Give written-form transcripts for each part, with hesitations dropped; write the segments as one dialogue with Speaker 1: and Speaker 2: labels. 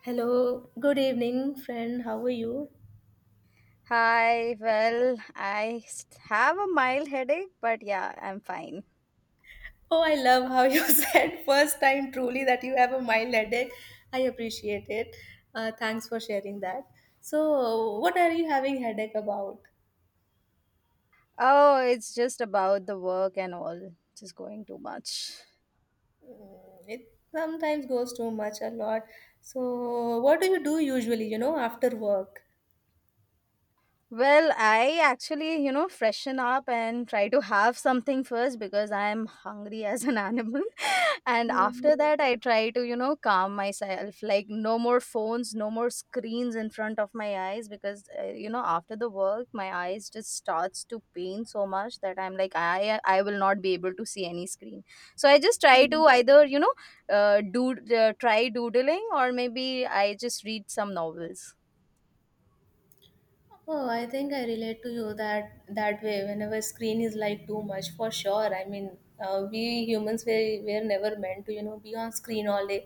Speaker 1: Hello, good evening, friend. How are you?
Speaker 2: Hi, well, have a mild headache, but yeah, I'm fine.
Speaker 1: Oh, I love how you said first time truly that you have a mild headache. I appreciate it. Thanks for sharing that. So, what are you having headache about?
Speaker 2: Oh, it's just about the work and all, just going too much.
Speaker 1: It sometimes goes too much, a lot. So, what do you do usually? You know, after work.
Speaker 2: Well, I actually, you know, freshen up and try to have something first because I am hungry as an animal. And after that, I try to, calm myself. Like, no more phones, no more screens in front of my eyes because, you know, after the work, my eyes just starts to pain so much that I'm like, I will not be able to see any screen. So I just try to either, you know, do try doodling or maybe I just read some novels.
Speaker 1: Oh, I think I relate to you that way. Whenever screen is like too much, for sure. I mean, we humans were never meant to, you know, be on screen all day.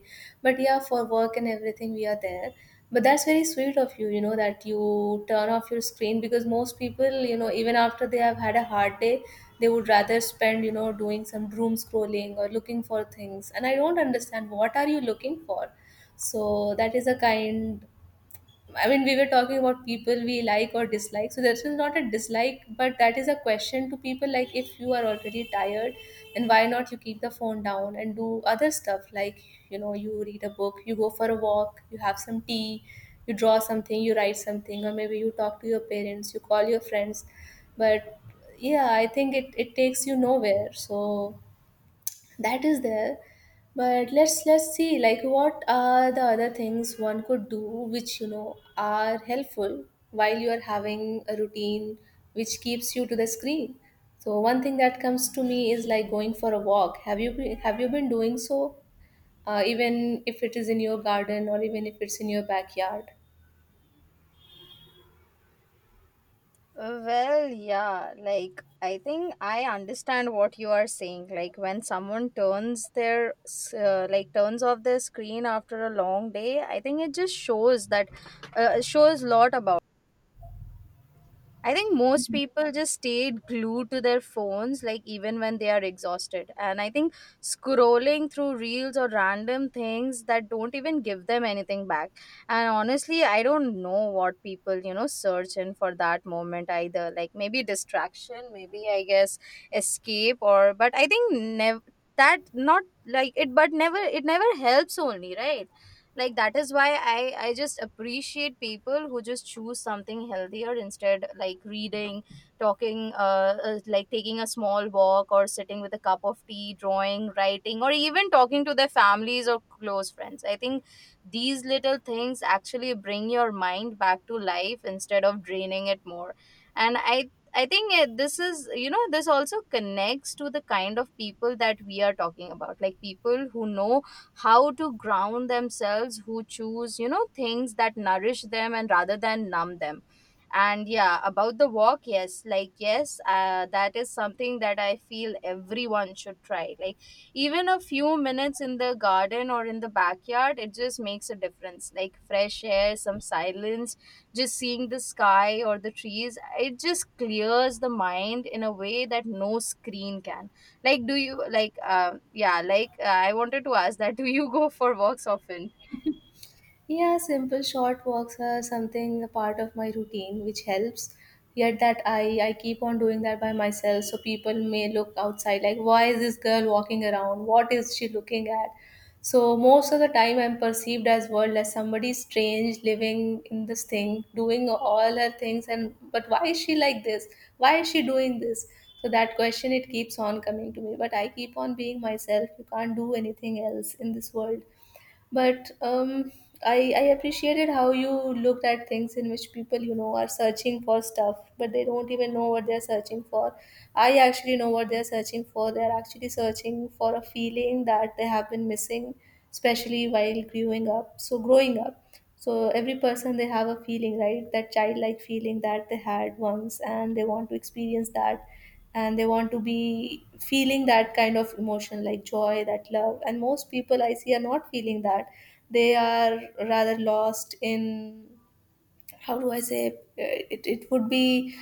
Speaker 1: But yeah, for work and everything, we are there. But that's very sweet of you, you know, that you turn off your screen because most people, you know, even after they have had a hard day, they would rather spend, you know, doing some doom scrolling or looking for things. And I don't understand what are you looking for. So that is a kind. I mean, we were talking about people we like or dislike. So this is not a dislike, but that is a question to people. Like, if you are already tired, then why not you keep the phone down and do other stuff? Like, you know, you read a book, you go for a walk, you have some tea, you draw something, you write something, or maybe you talk to your parents, you call your friends. But yeah, I think it takes you nowhere. So that is there, but let's see like what are the other things one could do which you know are helpful while you are having a routine which keeps you to the screen. So one thing that comes to me is like going for a walk. Have you been, have you been doing so, even if it is in your garden or even if it's in your backyard?
Speaker 2: Well, yeah, like I think I understand what you are saying. Like when someone turns like turns off their screen after a long day, I think it just shows that shows lot about. I think most people just stayed glued to their phones, like even when they are exhausted. And I think scrolling through reels or random things that don't even give them anything back. And honestly, I don't know what people, you know, search in for that moment either. Like maybe distraction, maybe I guess escape, or but I think never that not like it, but never it never helps only, right? Like that is why i I just appreciate people who just choose something healthier instead, like reading, talking, like taking a small walk or sitting with a cup of tea, drawing, writing, or even talking to their families or close friends. I think these little things actually bring your mind back to life instead of draining it more. And I think this is, you know, this also connects to the kind of people that we are talking about. Like people who know how to ground themselves, who choose, you know, things that nourish them and rather than numb them. And yeah, about the walk, yes, like, yes, that is something that I feel everyone should try. Like even a few minutes in the garden or in the backyard, it just makes a difference, like fresh air, some silence, just seeing the sky or the trees. It just clears the mind in a way that no screen can. Like, do you like, yeah, like, I wanted to ask that, do you go for walks often?
Speaker 1: Yeah, simple short walks are something a part of my routine which helps. Yet that I keep on doing that by myself. So people may look outside like, why is this girl walking around? What is she looking at? So most of the time I'm perceived as world as somebody strange living in this thing, doing all her things and but why is she like this? Why is she doing this? So that question it keeps on coming to me. But I keep on being myself. You can't do anything else in this world, but I appreciated how you looked at things in which people you know are searching for stuff but they don't even know what they're searching for. I actually know what they're searching for. They're actually searching for a feeling that they have been missing, especially while growing up. So growing up, so every person they have a feeling, right, that childlike feeling that they had once, and they want to experience that. And they want to be feeling that kind of emotion like joy, that love, and most people I see are not feeling that. They are rather lost in, how do I say, it would be,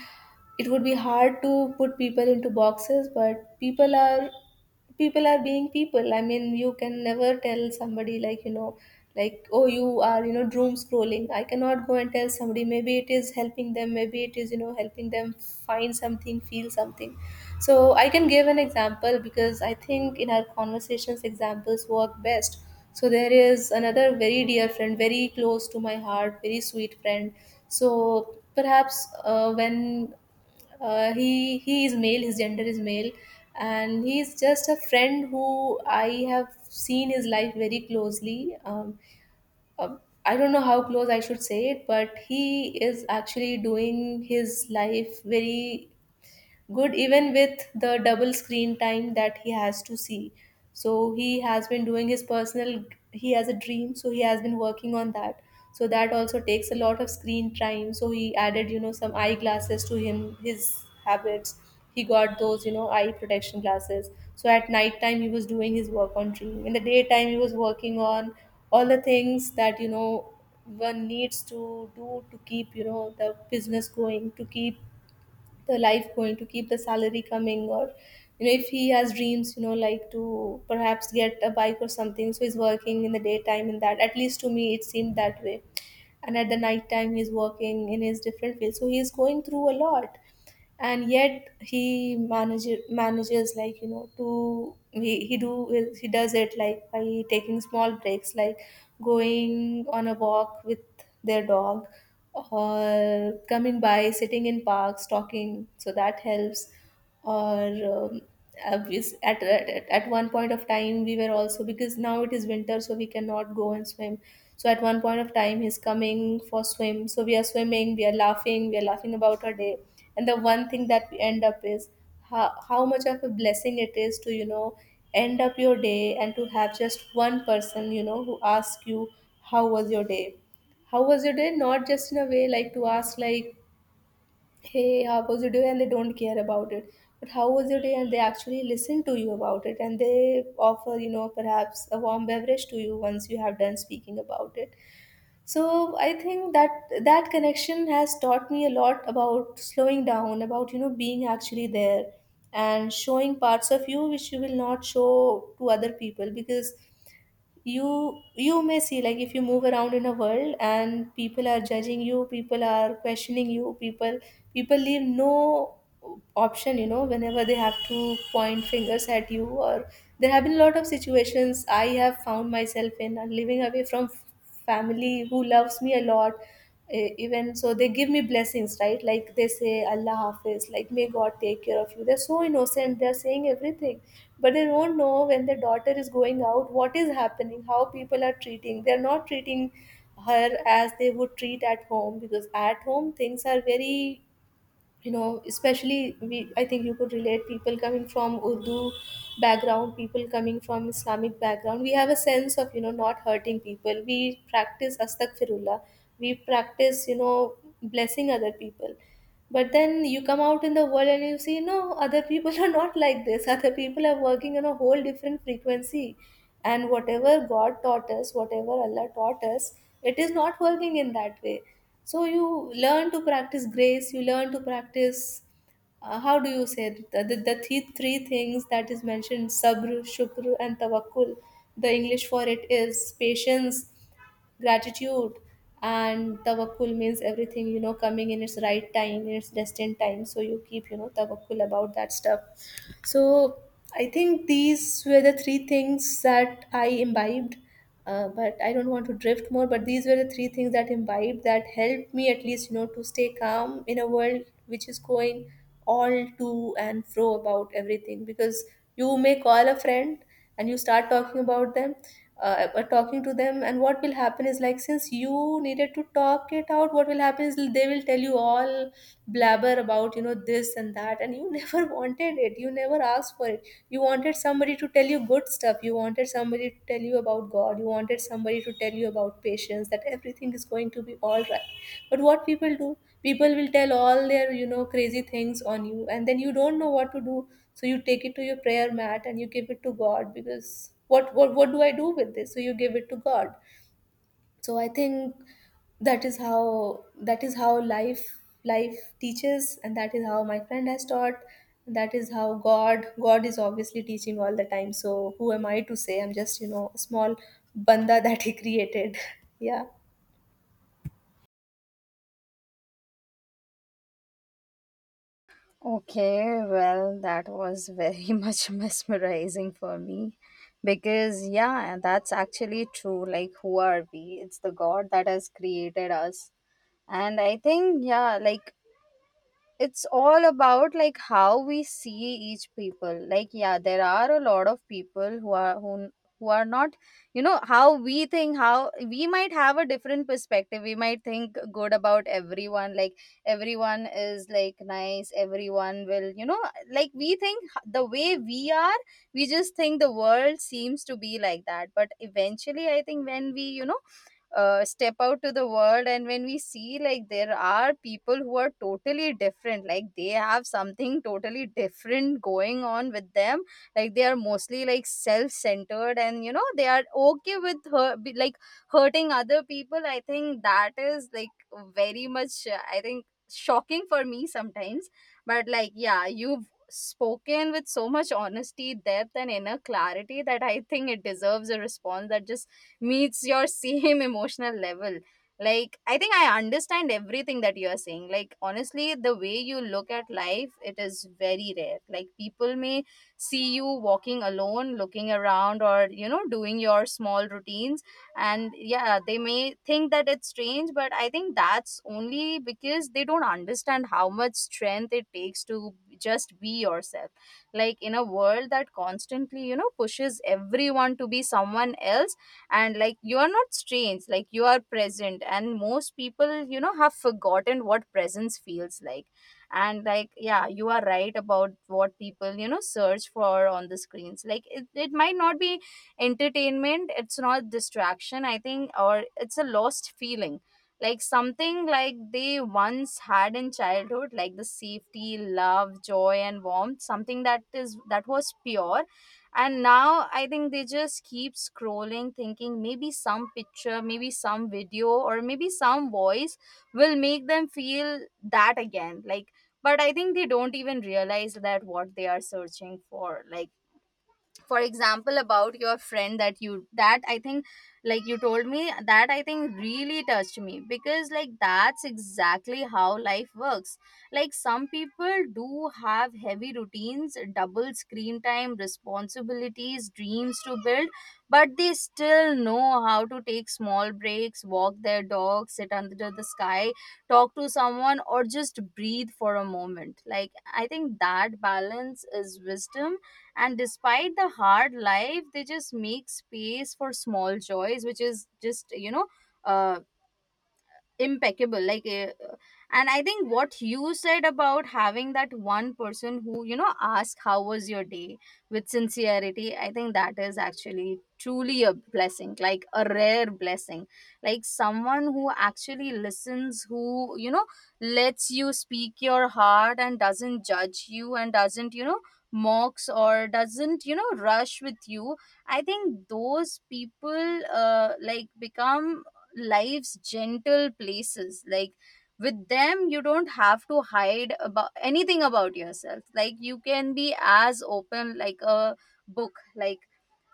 Speaker 1: it would be hard to put people into boxes, but people are, people are being people. I mean, you can never tell somebody like, you know, like, oh, you are, you know, doom scrolling. I cannot go and tell somebody. Maybe it is helping them, maybe it is, you know, helping them find something, feel something. So I can give an example, because I think in our conversations examples work best. So there is another very dear friend, very close to my heart, very sweet friend. So perhaps when, he is male, his gender is male, and he is just a friend who I have seen his life very closely. Uh, I don't know how close I should say it, but he is actually doing his life very good even with the double screen time that he has to see. So he has been doing his personal, he has a dream, so he has been working on that. So that also takes a lot of screen time. So he added, you know, some eyeglasses to him, his habits. He got those, you know, eye protection glasses. So at night time he was doing his work on dream. In the daytime he was working on all the things that, you know, one needs to do to keep, you know, the business going, to keep the life going, to keep the salary coming, or you know if he has dreams, you know, like to perhaps get a bike or something. So he's working in the daytime in that, at least to me it seemed that way. And at the night time he's working in his different field, so he's going through a lot. And yet he manages like, you know, to he do he does it like by taking small breaks, like going on a walk with their dog, or coming by sitting in parks talking, so that helps. Or obvious at, at one point of time we were also, because now it is winter so we cannot go and swim. So at one point of time he's coming for swim, so we are swimming, we are laughing, we are laughing about our day. And the one thing that we end up is how much of a blessing it is to, you know, end up your day and to have just one person, you know, who asks you how was your day. How was your day, not just in a way like to ask like, hey, how was your day, and they don't care about it. But how was your day, and they actually listen to you about it, and they offer, you know, perhaps a warm beverage to you once you have done speaking about it. So I think that that connection has taught me a lot about slowing down, about, you know, being actually there, and showing parts of you which you will not show to other people. Because you may see like if you move around in a world and people are judging you, people are questioning you, people, people leave no option, you know, whenever they have to point fingers at you. Or there have been a lot of situations I have found myself in, living away from family who loves me a lot. Even so they give me blessings, right, like they say Allah hafiz, like may God take care of you. They're so innocent, they're saying everything, but they don't know when their daughter is going out, what is happening, how people are treating, they're not treating her as they would treat at home. Because at home things are very, you know, especially we, I think you could relate, people coming from Urdu background, people coming from Islamic background, we have a sense of, you know, not hurting people. We practice astaghfirullah, we practice, you know, blessing other people. But then you come out in the world and you see, no, other people are not like this. Other people are working on a whole different frequency. And whatever God taught us, whatever Allah taught us, it is not working in that way. So you learn to practice grace, you learn to practice, how do you say it? The three things that is mentioned, sabr, shukr, and tawakkul. The English for it is patience, gratitude, and tawakkul means everything, you know, coming in its right time, in its destined time, so you keep, you know, tawakkul about that stuff. So I think these were the three things that I imbibed. But I don't want to drift more, but these were the three things that imbibed, that helped me at least, you know, to stay calm in a world which is going all to and fro about everything. Because you may call a friend and you start talking about them, talking to them, and what will happen is like, since you needed to talk it out, what will happen is they will tell you all blabber about, you know, this and that, and you never wanted it, you never asked for it. You wanted somebody to tell you good stuff, you wanted somebody to tell you about God, you wanted somebody to tell you about patience, that everything is going to be all right. But what people do, people will tell all their, you know, crazy things on you, and then you don't know what to do. So you take it to your prayer mat and you give it to God. Because what, what do I do with this? So you give it to God. So I think that is how, that is how life teaches, and that is how my friend has taught, and that is how God is obviously teaching all the time. So who am I to say? I'm just, you know, a small banda that he created. Yeah.
Speaker 2: Okay, well, that was very much mesmerizing for me because, yeah, that's actually true. Like, who are we? It's the God that has created us. And I think, yeah, like, it's all about like how we see each people. Like, yeah, there are a lot of people who are who are not, you know, how we think. How we might have a different perspective, we might think good about everyone, like everyone is like nice, everyone will, you know, like we think the way we are, we just think the world seems to be like that. But eventually, I think when we, you know, step out to the world and when we see, like, there are people who are totally different, like they have something totally different going on with them. Like they are mostly like self-centered and, you know, they are okay with like hurting other people. I think that is like very much, I think shocking for me sometimes. But like, yeah, you've spoken with so much honesty, depth, and inner clarity that I think it deserves a response that just meets your same emotional level. Like, I think I understand everything that you are saying. Like, honestly, the way you look at life, it is very rare. Like people may see you walking alone, looking around, or, you know, doing your small routines, and yeah, they may think that it's strange. But I think that's only because they don't understand how much strength it takes to just be yourself, like in a world that constantly, you know, pushes everyone to be someone else. And like, you are not strange. Like, you are present, and most people, you know, have forgotten what presence feels like. And like, yeah, you are right about what people, you know, search for on the screens. Like, it might not be entertainment, it's not distraction, I think, or it's a lost feeling. Like something like they once had in childhood, like the safety, love, joy, and warmth, something that is that was pure. And now I think they just keep scrolling, thinking maybe some picture, maybe some video, or maybe some voice will make them feel that again. Like, but I think they don't even realize that what they are searching for. Like for example, about your friend that you that I think, like you told me, that I think really touched me because like that's exactly how life works. Like some people do have heavy routines, double screen time, responsibilities, dreams to build, but they still know how to take small breaks, walk their dog, sit under the sky, talk to someone, or just breathe for a moment. Like, I think that balance is wisdom. And despite the hard life, they just make space for small joys, which is just, you know, uh, impeccable, and I think what you said about having that one person who, you know, ask how was your day, with sincerity, I think that is actually truly a blessing, like a rare blessing. Like someone who actually listens, who, you know, lets you speak your heart and doesn't judge you and doesn't, you know, mocks or doesn't, you know, rush with you. I think those people, like become life's gentle places. Like with them, you don't have to hide about anything about yourself, like you can be as open like a book. Like,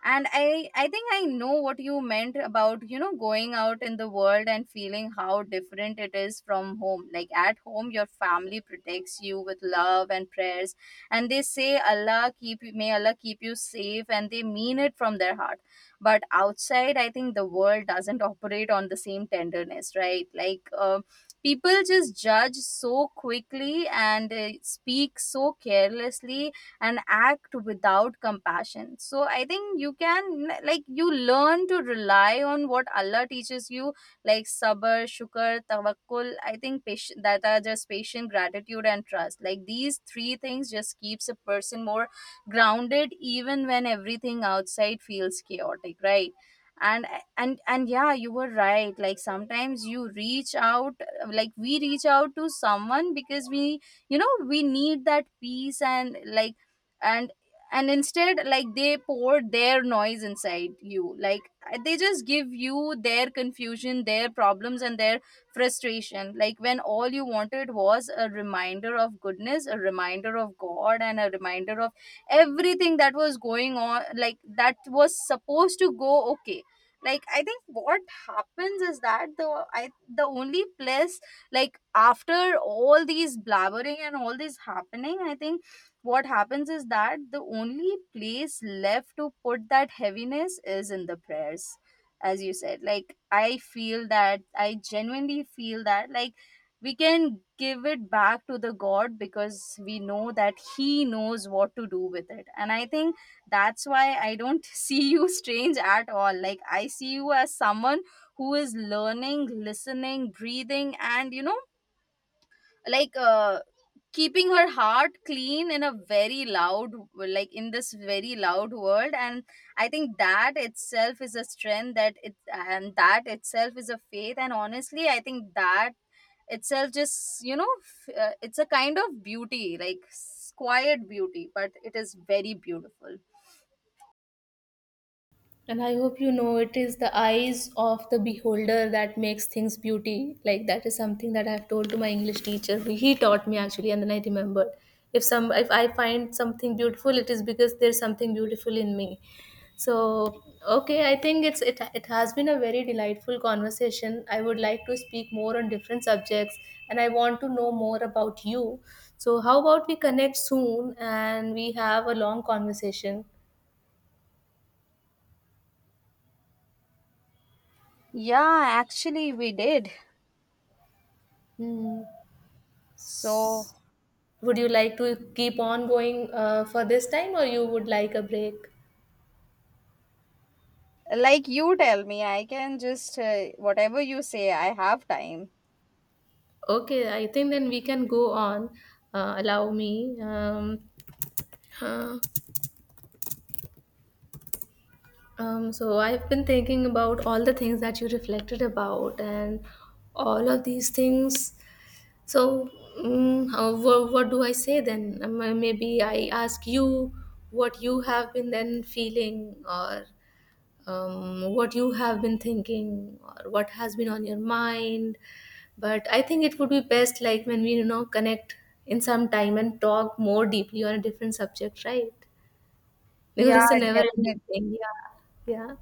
Speaker 2: and I think I know what you meant about, you know, going out in the world and feeling how different it is from home. Like at home, your family protects you with love and prayers, and they say, allah keep may Allah keep you safe, and they mean it from their heart. But outside, I think the world doesn't operate on the same tenderness, right? Like, people just judge so quickly and speak so carelessly and act without compassion. So I think you can, like, you learn to rely on what Allah teaches you, like sabr, shukr, tawakkul. I think patient, that are just patient, gratitude, and trust. Like these three things just keeps a person more grounded even when everything outside feels chaotic, right? And and and yeah, you were right. Like sometimes you reach out, like we reach out to someone because we you know, we need that peace. And like, and and instead, like, they pour their noise inside you, like they just give you their confusion, their problems, and their frustration, like when all you wanted was a reminder of goodness, a reminder of God, and a reminder of everything that was going on, like that was supposed to go okay. Like, I think what happens is that the only place, like after all these blabbering and all this happening, I think what happens is that the only place left to put that heaviness is in the prayers, as you said. Like, I feel that, I genuinely feel that, like we can give it back to the God because we know that he knows what to do with it. And I think that's why I don't see you strange at all. Like, I see you as someone who is learning, listening, breathing, and, you know, like, keeping her heart clean in a very loud, like in this very loud world. And I think that itself is a strength, that it and that itself is a faith. And honestly, I think that itself just, you know, it's a kind of beauty, quiet beauty, but it is very beautiful.
Speaker 1: And I hope you know it is the eyes of the beholder that makes things beauty. Like that is something that I've told to my English teacher. He taught me actually, and then I remembered. If some if I find something beautiful, it is because there's something beautiful in me. So okay, I think it's, it has been a very delightful conversation. I would like to speak more on different subjects, and I want to know more about you. So how about we connect soon and we have a long conversation?
Speaker 2: Yeah, actually we did.
Speaker 1: Hmm.
Speaker 2: So,
Speaker 1: Would you like to keep on going for this time, or you would like a break?
Speaker 2: like, you tell me, I can just, whatever you say, I have time.
Speaker 1: Okay, I think then we can go on. Allow me. Uh, so I've been thinking about all the things that you reflected about and all of these things. So, how, what do I say then? Maybe I ask you what you have been then feeling, or what you have been thinking, or what has been on your mind. But I think it would be best like when we, you know, connect in some time and talk more deeply on a different subject, right? Because
Speaker 2: Yeah,
Speaker 1: it's a never
Speaker 2: definitely.
Speaker 1: ending thing. Yeah. Yeah,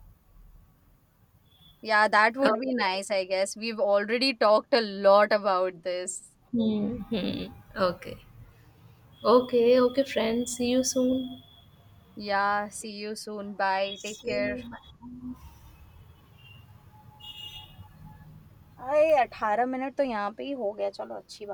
Speaker 2: Yeah, that would be
Speaker 1: okay.
Speaker 2: nice, I guess. We've already talked a lot about this.
Speaker 1: Hmm. Hmm. Okay. Okay, okay friends, see you soon.
Speaker 2: Yeah, see you soon. Bye. Take
Speaker 1: See
Speaker 2: care.
Speaker 1: you. Bye.
Speaker 2: अरे अठारह minute तो यहाँ पे ही हो गया, चलो अच्छी बात।